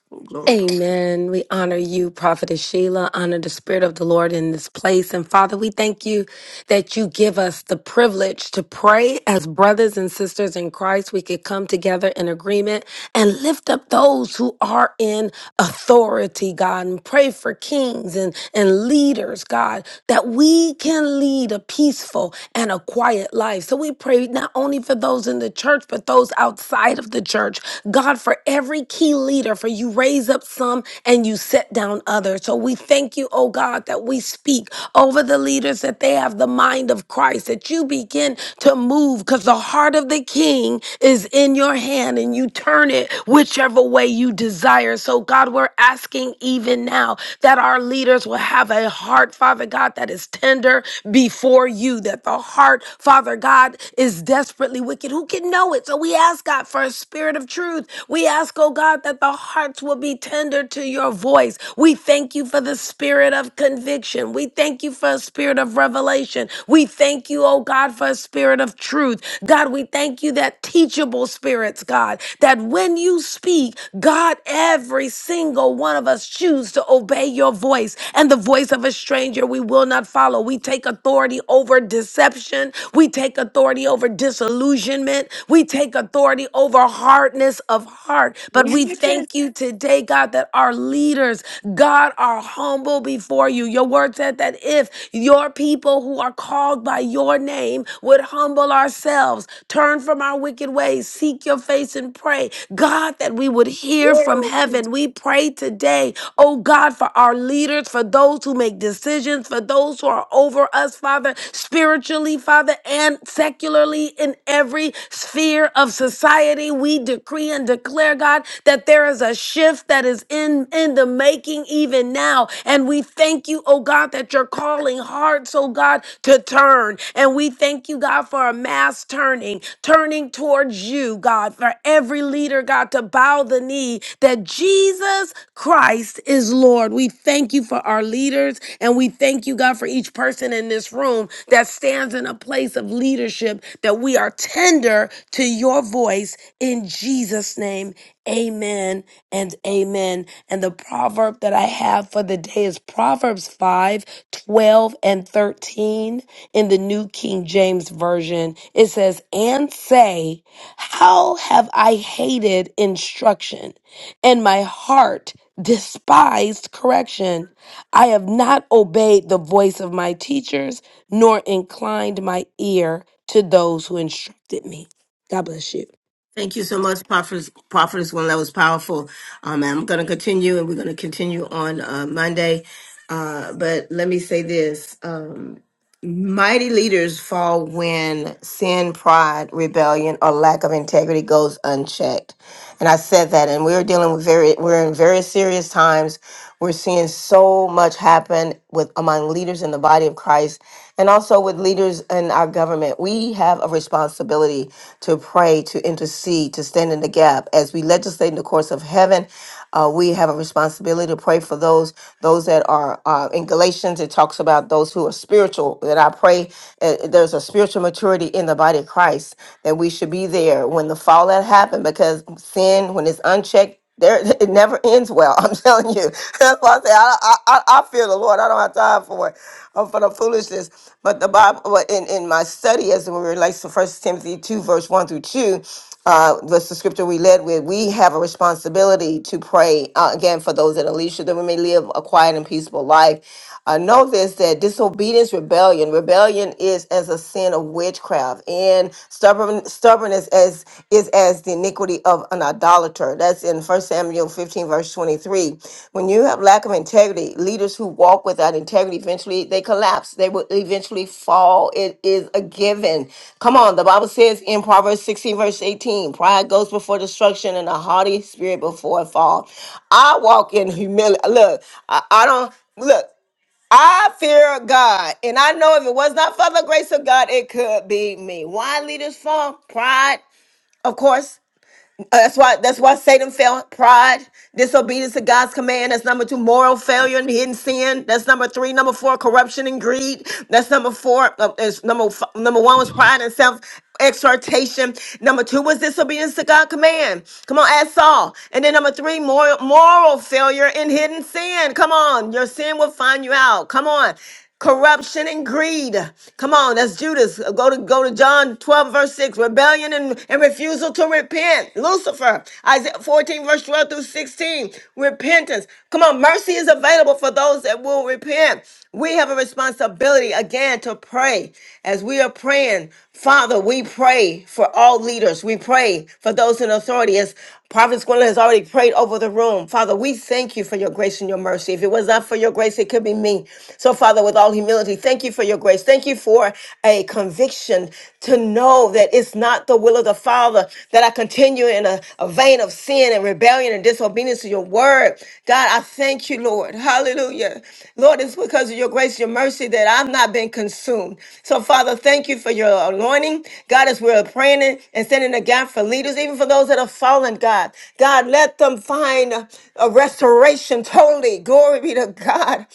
S10: Amen. We honor you, Prophetess Sheila. Honor the Spirit of the Lord in this place. And Father, we thank you that you give us the privilege to pray as brothers and sisters in Christ. We could come together in agreement and lift up those who are in authority, God, and pray for kings and, and leaders, God, that we can lead a peaceful and a quiet life. So we pray not only for those in the church, but those outside of the church. God, for every key leader, for you raise up some and you set down others. So we thank you, oh God, that we speak over the leaders that they have the mind of Christ, that you begin to move because the heart of the king is in your hand and you turn it whichever way you desire. So, God, we're asking even now that our leaders will have a heart, Father God, that is tender before you, that the heart, Father God, is desperately wicked. Who can know it? So, we we ask, God, for a spirit of truth. We ask, oh God, that the hearts will be tender to your voice. We thank you for the spirit of conviction. We thank you for a spirit of revelation. We thank you, oh God, for a spirit of truth. God, we thank you that teachable spirits, God, that when you speak, God, every single one of us choose to obey your voice and the voice of a stranger we will not follow. We take authority over deception. We take authority over over disillusionment. We take authority over hardness of heart. But we thank you today, God, that our leaders, God, are humble before you. Your word said that if your people who are called by your name would humble ourselves, turn from our wicked ways, seek your face and pray, God, that we would hear from heaven. We pray today, oh God, for our leaders, for those who make decisions, for those who are over us, Father spiritually, Father, and secularly in every sphere of society. We decree and declare, God, that there is a shift that is in, in the making even now. And we thank you, oh God, that you're calling hearts, oh God, to turn. And we thank you, God, for a mass turning, turning towards you, God, for every leader, God, to bow the knee that Jesus Christ is Lord. We thank you for our leaders and we thank you, God. God, for each person in this room that stands in a place of leadership, that we are tender to your voice in Jesus' name. Amen and amen. And the proverb that I have for the day is Proverbs 5, 12, and 13 in the New King James Version. It says, And say, How have I hated instruction, and my heart despised correction? I have not obeyed the voice of my teachers, nor inclined my ear to those who instructed me. God bless you.
S1: Thank you so much, Prophet. Prophetess one that was powerful. Um, and I'm going to continue, and we're going to continue on uh, Monday. Uh, but let me say this: um, mighty leaders fall when sin, pride, rebellion, or lack of integrity goes unchecked. And I said that, and we're dealing with very, we're in very serious times. We're seeing so much happen with among leaders in the body of Christ and also with leaders in our government. We have a responsibility to pray, to intercede, to stand in the gap as we legislate in the course of heaven uh, we have a responsibility to pray for those those that are uh, in Galatians. It talks about those who are spiritual. That I pray uh, there's a spiritual maturity in the body of Christ that we should be there when the fallout happened because sin when it's unchecked there it never ends well. I'm telling you. That's why I say I, I I I fear the Lord. I don't have time for it, uh, for the foolishness. But the Bible, but in in my study as it relates to First Timothy two verse one through two, uh, that's the scripture we led with. We have a responsibility to pray uh, again for those that are least that we may live a quiet and peaceful life. Uh, know this that disobedience, rebellion, rebellion is as a sin of witchcraft, and stubborn stubbornness as is as the iniquity of an idolater. That's in First Samuel 15 verse 23 when you have lack of integrity leaders who walk without integrity eventually they collapse they will eventually fall it is a given come on the bible says in proverbs 16 verse 18 pride goes before destruction and a haughty spirit before a fall i walk in humility look i, I don't look I fear God, and I know if it was not for the grace of God, it could be me. Why leaders fall? Pride, of course, uh, That's why that's why Satan fell pride, disobedience to God's command. That's number two, moral failure and hidden sin. That's number three. Number four, corruption and greed. That's number four. Uh, is number f- number one was pride and self exhortation. Number two was disobedience to God's command. Come on, ask Saul. And then number three, moral moral failure and hidden sin. Come on, your sin will find you out. Come on corruption and greed. Come on, that's Judas. Uh, Go to go to John 12, verse 6. Rebellion and, and refusal to repent. Lucifer, Isaiah 14, verse 12 through 16. Repentance. Come on, mercy is available for those that will repent. We have a responsibility again to pray. As we are praying, Father, we pray for all leaders. We pray for those in authority. As Prophet Gwendolyn has already prayed over the room. Father, we thank you for your grace and your mercy. If it was not for your grace, it could be me. So, Father, with all humility, thank you for your grace. Thank you for a conviction to know that it's not the will of the Father that I continue in a, a vein of sin and rebellion and disobedience to your word. God, I thank you, Lord. Hallelujah. Lord, it's because of your grace, your mercy that I've not been consumed. So, Father, thank you for your anointing. God, as we're praying and standing in the gap for leaders, even even for those that have fallen, God. God, let them find a, a restoration totally. Glory be to God.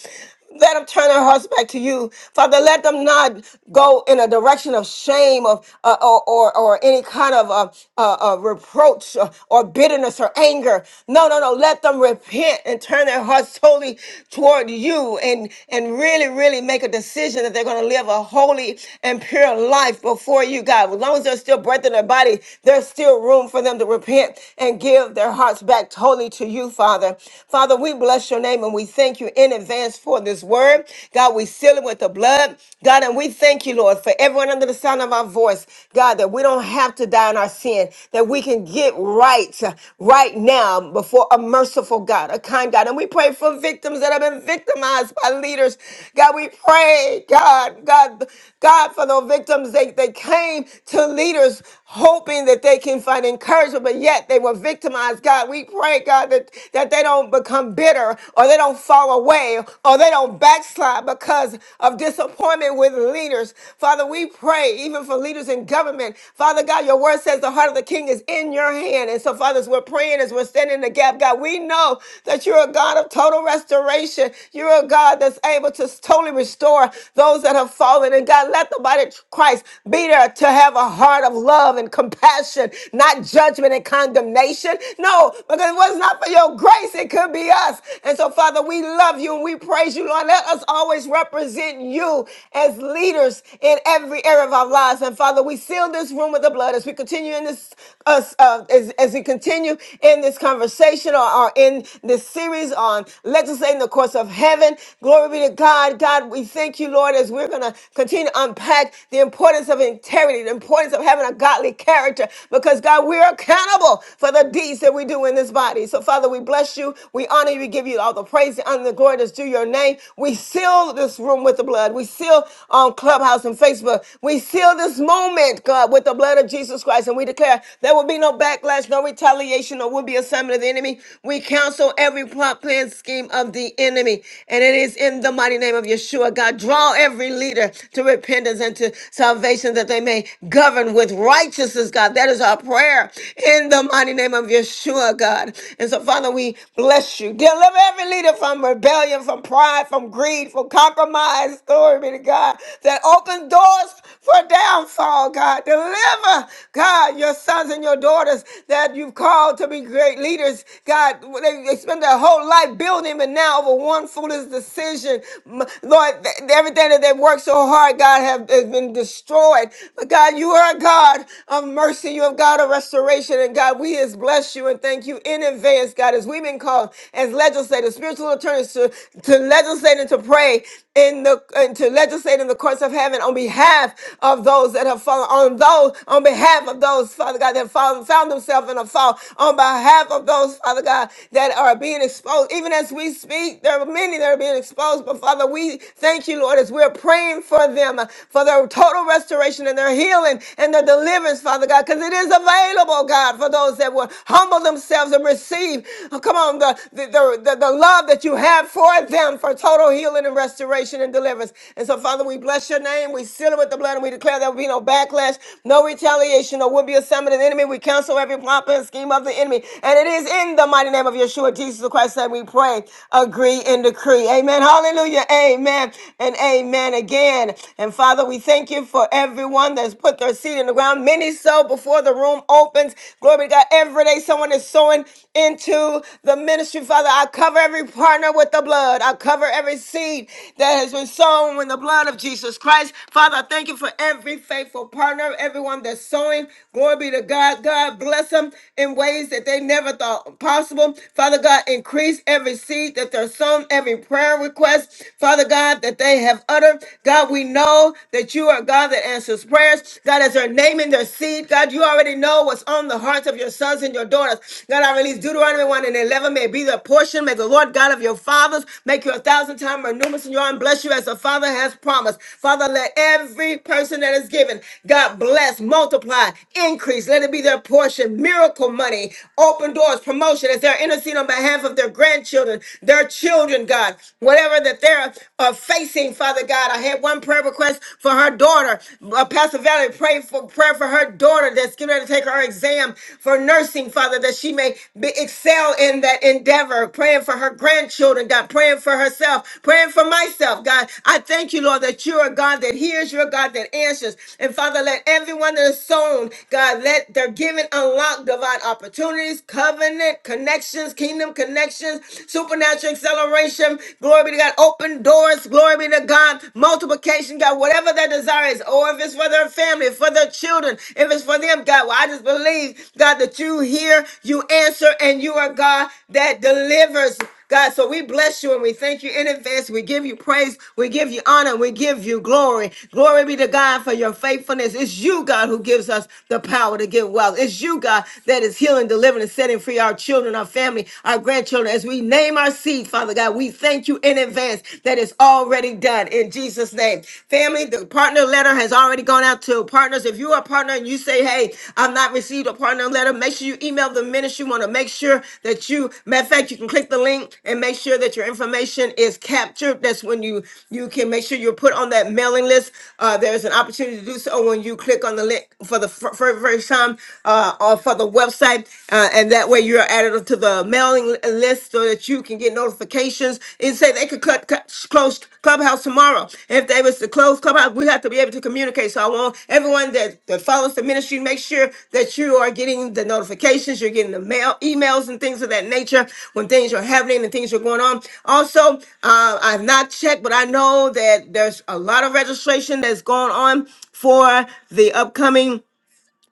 S1: Let them turn their hearts back to you. Father, let them not go in a direction of shame of, uh, or, or, or any kind of uh, uh, uh, reproach or, or bitterness or anger. No, no, no. Let them repent and turn their hearts totally toward you and, and really, really make a decision that they're going to live a holy and pure life before you, God. As long as there's still breath in their body, body, there's still room for them to repent and give their hearts back totally to you, Father. Father, we bless your name and we thank you in advance for this word. God, we seal it with the blood. God, and we thank you, Lord, for everyone under the sound of our voice. God, that we don't have to die in our sin, that we can get right uh, right now before a merciful God, a kind God. And we pray for victims that have been victimized by leaders. God, we pray, God, God, God, for those victims. They, they came to to leaders hoping that they can find encouragement, but yet they were victimized. God, we pray, God, that, that they don't become bitter or they don't fall away or they don't backslide because of disappointment with leaders. Father, we pray even for leaders in government. Father God, your word says the heart of the king is in your hand. And so, fathers, we're praying as we're standing in the gap. God, we know that you're a God of total restoration. You're a God that's able to totally restore those that have fallen. And God, let the body of Christ be to have a heart of love and compassion, not judgment and condemnation. No, because if it was not for your grace, it could be us. And so, Father, we love you and we praise you, Lord. Let us always represent you as leaders in every area of our lives. And Father, we seal this room with the blood as we continue in this, us, uh, as, as we continue in this conversation or, or in this series on legislating the course of heaven. Glory be to God. God, we thank you, Lord, as we're going to continue unpack the importance of integrity, the importance of having a godly character, because God, we're accountable for the deeds that we do in this body. So, Father, we bless you. We honor you. We give you all the praise, the honor, and the glory that's due your name. We seal this room with the blood. We seal on Clubhouse and Facebook. We seal this moment, God, with the blood of Jesus Christ. And we declare there will be no backlash, no retaliation, or will be assignment of the enemy. We counsel every plot, plan, scheme of the enemy. And it is in the mighty name of Yeshua, God. Draw every every leader to repentance and to salvation that they may govern with righteousness, God. That is our prayer in the mighty name of Yeshua, God. And so, Father, we bless you. Deliver every leader from rebellion, from pride, from greed, from compromise. Glory be to God. That open doors for downfall, God. Deliver, God, your sons and your daughters that you've called to be great leaders, God. They, they spend their whole life building, but now over one foolish decision, m- Lord, th- everything that they worked so hard, God, have, has been destroyed. But God, you are a God of mercy. You have God of restoration. And God, we has bless you and thank you in advance, God, as we've been called as legislators, spiritual attorneys to, to legislate and to pray in the and to legislate in the courts of heaven on behalf of those that have fallen, on those, on behalf of those, Father God, that have fallen, found themselves in a fall, on behalf of those, Father God, that are being exposed. Even as we speak, there are many that are being exposed being exposed. But Father, we thank you, Lord, as we're praying for them, uh, for their total restoration and their healing and their deliverance, Father God, because it is available, God, for those that will humble themselves and receive, oh, come on, the, the, the, the, the love that you have for them for total healing and restoration and deliverance. And so, Father, we bless your name. We seal it with the blood and we declare there will be no backlash, no retaliation, or will be a summit of the enemy. We cancel every plot and scheme of the enemy. And it is in the mighty name of Yeshua, Jesus Christ, that we pray agree and decree. Amen. Hallelujah. Amen. And amen again. And Father, we thank you for everyone that's put their seed in the ground. Many sow before the room opens. Glory be to God. Every day someone is sowing into the ministry. Father, I cover every partner with the blood. I cover every seed that has been sown with the blood of Jesus Christ. Father, I thank you for every faithful partner, everyone that's sowing. Glory be to God. God bless them in ways that they never thought possible. Father God, increase release every seed that they're sown, every prayer request, Father God, that they have uttered. God, we know that you are God that answers prayers. God, as they're naming their seed, God, you already know what's on the hearts of your sons and your daughters. God, I release Deuteronomy 1 and 11. May it be their portion. May the Lord God of your fathers make you a thousand times more numerous in your and bless you as the Father has promised. Father, let every person that is given, God bless, multiply, increase. Let it be their portion. Miracle money, open doors, promotion. Is there are interceding on behalf of their grandchildren, their children, God, whatever that they're uh, facing, Father God. I had one prayer request for her daughter. Uh, Pastor Valerie prayed for prayer for her daughter that's getting ready to take her exam for nursing, Father, that she may be, excel in that endeavor. Praying for her grandchildren, God, praying for herself, praying for myself, God. I thank you, Lord, that you're a God that hears, you're a God that answers. And Father, let everyone that is sown, God, let their giving unlock divine opportunities, covenant connections, kingdom connections, supernatural acceleration. Glory be to God. Open doors. Glory be to God. Multiplication, God. Whatever their desire is, or if it's for their family, for their children, if it's for them, God. Well, I just believe, God, that you hear, you answer, and you are God that delivers. God, so we bless you and we thank you in advance. We give you praise, we give you honor, we give you glory. Glory be to God for your faithfulness. It's you, God, who gives us the power to give wealth. It's you, God, that is healing, delivering, and setting free our children, our family, our grandchildren. As we name our seed, Father God, we thank you in advance that it's already done in Jesus' name. Family, the partner letter has already gone out to partners. If you if you are a partner and you say, hey, i have not received a partner letter, make sure you email the ministry. You want to make sure that you, matter of fact, you can click the link and make sure that your information is captured. That's when you you can make sure you're put on that mailing list. Uh, there's an opportunity to do so when you click on the link for the fir- fir- first time uh, or for the website. Uh, and that way you're added to the mailing list so that you can get notifications notifications and say they could cut, cut close clubhouse tomorrow. If they was to close clubhouse, we have to be able to communicate. So I want everyone that, that follows the ministry, make sure that you are getting the notifications, you're getting the mail, emails and things of that nature when things are happening and things are going on. Also, uh, I've not checked, but I know that there's a lot of registration that's going on for the upcoming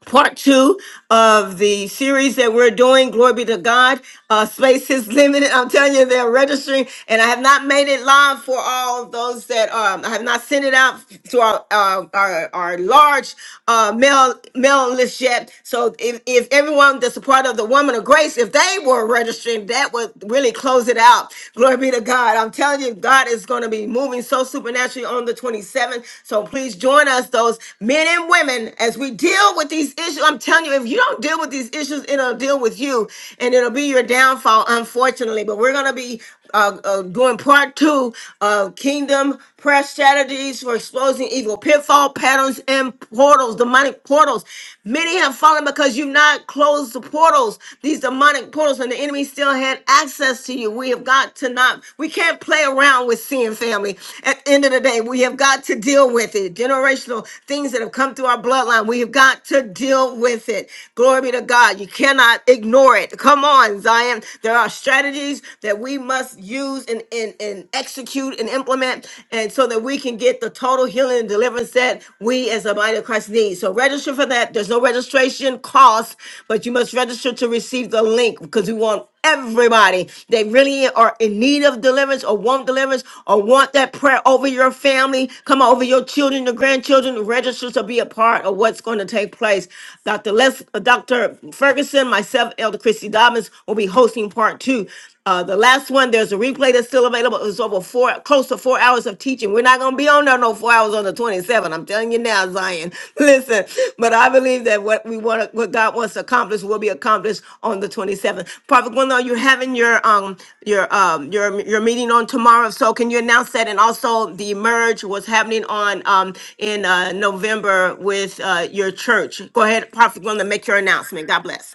S1: part two of the series that we're doing. Glory be to God. Uh, space is limited. I'm telling you, they're registering, and I have not made it live for all those that um, I have not sent it out to our uh, our, our large uh, mail mail list yet. So if, if everyone that's a part of the Woman of Grace, if they were registering, that would really close it out. Glory be to God. I'm telling you, God is going to be moving so so supernaturally on the 27th. So please join us, those men and women, as we deal with these issues. I'm telling you, if you don't deal with these issues, it'll deal with you and it'll be your downfall, unfortunately. But we're going to be uh, uh, doing part two of Kingdom Prayer Strategies for Exposing Evil Pitfall Patterns and Portals, demonic portals. Many have fallen because you've not closed the portals, these demonic portals arrows and the enemy still had access to you. We have got to not, we can't play around with sin, family. At the end of the day, we have got to deal with it. Generational things that have come through our bloodline, we have got to deal with it. Glory be to God. You cannot ignore it. Come on, Zion. There are strategies that we must use and, and, and execute and implement, and so that we can get the total healing and deliverance that we as a body of of Christ's needs. So register for that. There's no registration cost, but you must register to receive the link because we want everybody that really are in need of deliverance or want deliverance or want that prayer over your family. Come on, over your children, your grandchildren, to register to be a part of what's going to take place. Dr. Les, uh, Dr. Ferguson, myself, Elder Christy Dobbins will be hosting part two. Uh, the last one, there's a replay that's still available it was over four, close to four hours of teaching. We're not going to be on there no four hours on the 27th. I'm telling you now, Zion. Listen, but I believe that what we want, to, what God wants to accomplish, will be accomplished on the 27th. Prophet Gwendolyn, you're having your um your um your your meeting on tomorrow. So can you announce that? And also, the merge was happening on um in uh, November with uh, your church. Go ahead, Prophet Gwendolyn, make your announcement. God bless.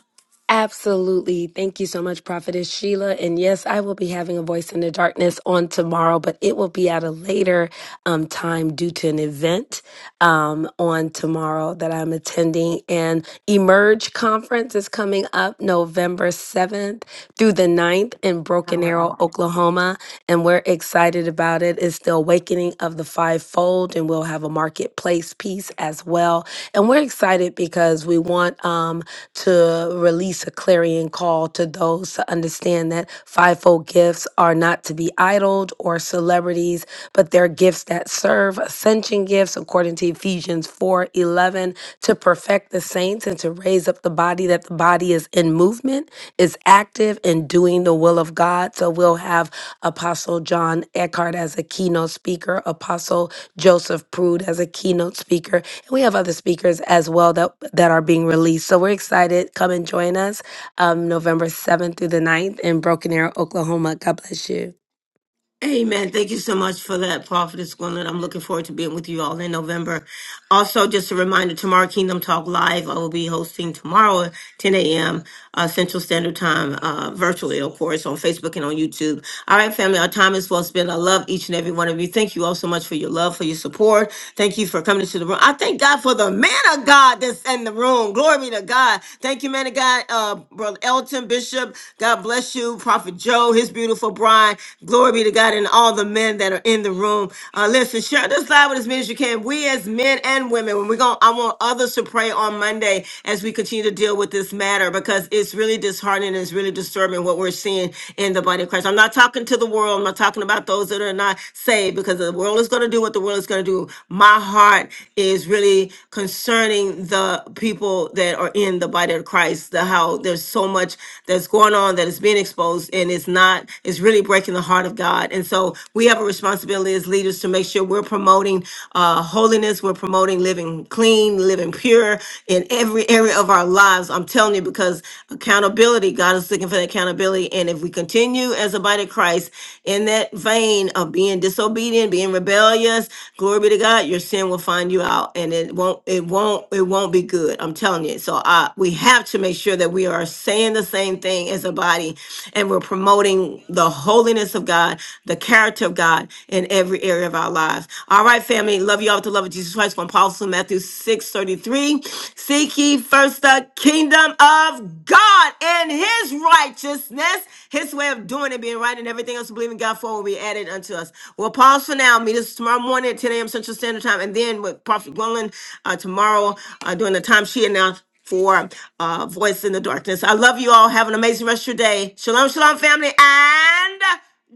S10: Absolutely. Thank you so much, Prophetess Sheila. And yes, I will be having a voice in the darkness on tomorrow, but it will be at a later um, time due to an event um, on tomorrow that I'm attending. And Emerge Conference is coming up November 7th. through the ninth in Broken Arrow, Oklahoma. And we're excited about it. It's the awakening of the fivefold, and we'll have a marketplace piece as well. And we're excited because we want um, to release a clarion call to those to understand that Fivefold gifts are not to be idled or celebrities, but they're gifts that serve ascension gifts, according to Ephesians 4 11, to perfect the saints and to raise up the body, that the body is in movement, is active in doing the will of God. So we'll have Apostle John Eckhart as a keynote speaker, Apostle Joseph Prude as a keynote speaker. And we have other speakers as well that, that are being released. So we're excited. Come and join us um, November 7th through the ninth in Broken Arrow, Oklahoma. God bless you.
S1: Amen. Thank you so much for that, Prophetess Gwendolyn. I'm looking forward to being with you all in November. Also, just a reminder, tomorrow Kingdom Talk Live, I will be hosting tomorrow at 10 a.m. Uh, Central Standard Time, uh, virtually, of course, on Facebook and on YouTube. All right, family, our time is well spent. I love each and every one of you. Thank you all so much for your love, for your support. Thank you for coming into the room. I thank God for the man of God that's in the room. Glory be to God. Thank you, man of God. God, uh, Brother Elton Bishop. God bless you, Prophet Joe, his beautiful bride. Glory be to God and all the men that are in the room. Uh, listen, share this live with as many as you can. We as men and women, when we're going, I want others to pray on Monday as we continue to deal with this matter because it's really disheartening. and It's really disturbing what we're seeing in the body of Christ. I'm not talking to the world. I'm not talking about those that are not saved because the world is going to do what the world is going to do. My my heart is really concerning the people that are in the body of Christ. The how there's so much that's going on that is being exposed and it's not, it's really breaking the heart of God. And so we have a responsibility as leaders to make sure we're promoting uh, holiness, we're promoting living clean, living pure in every area of our lives. I'm telling you, because accountability, God is looking for that accountability. And if we continue as a the body of Christ in that vein of being disobedient, being rebellious, glory be to God, your sin will find you out and it won't it won't it won't be good. I'm telling you. So I we have to make sure that we are saying the same thing as a body and we're promoting the holiness of God, the character of God in every area of our lives. All right, family. Love you all with the love of Jesus Christ from Paul Matthew 6 33. Seek ye first first the kingdom of God and his righteousness, his way of doing it, being right, and everything else we believe in God for will be added unto us. We'll pause for now. Meet us tomorrow morning at 10 a.m. Central Standard Time, and then with Prophet Gwendolyn uh, tomorrow uh, during the time she announced for uh, Voice in the Darkness. I love you all. Have an amazing rest of your day. Shalom, shalom, family, and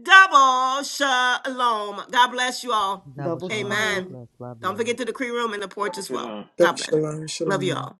S1: double shalom. God bless you all.
S8: Double
S3: shalom. God
S1: Amen.
S8: shalom.
S3: bless. Love you
S1: Don't
S3: all.
S1: forget to the decree room and the porch as well. God bless.
S4: Shalom,
S1: Love you
S4: shalom.
S1: all.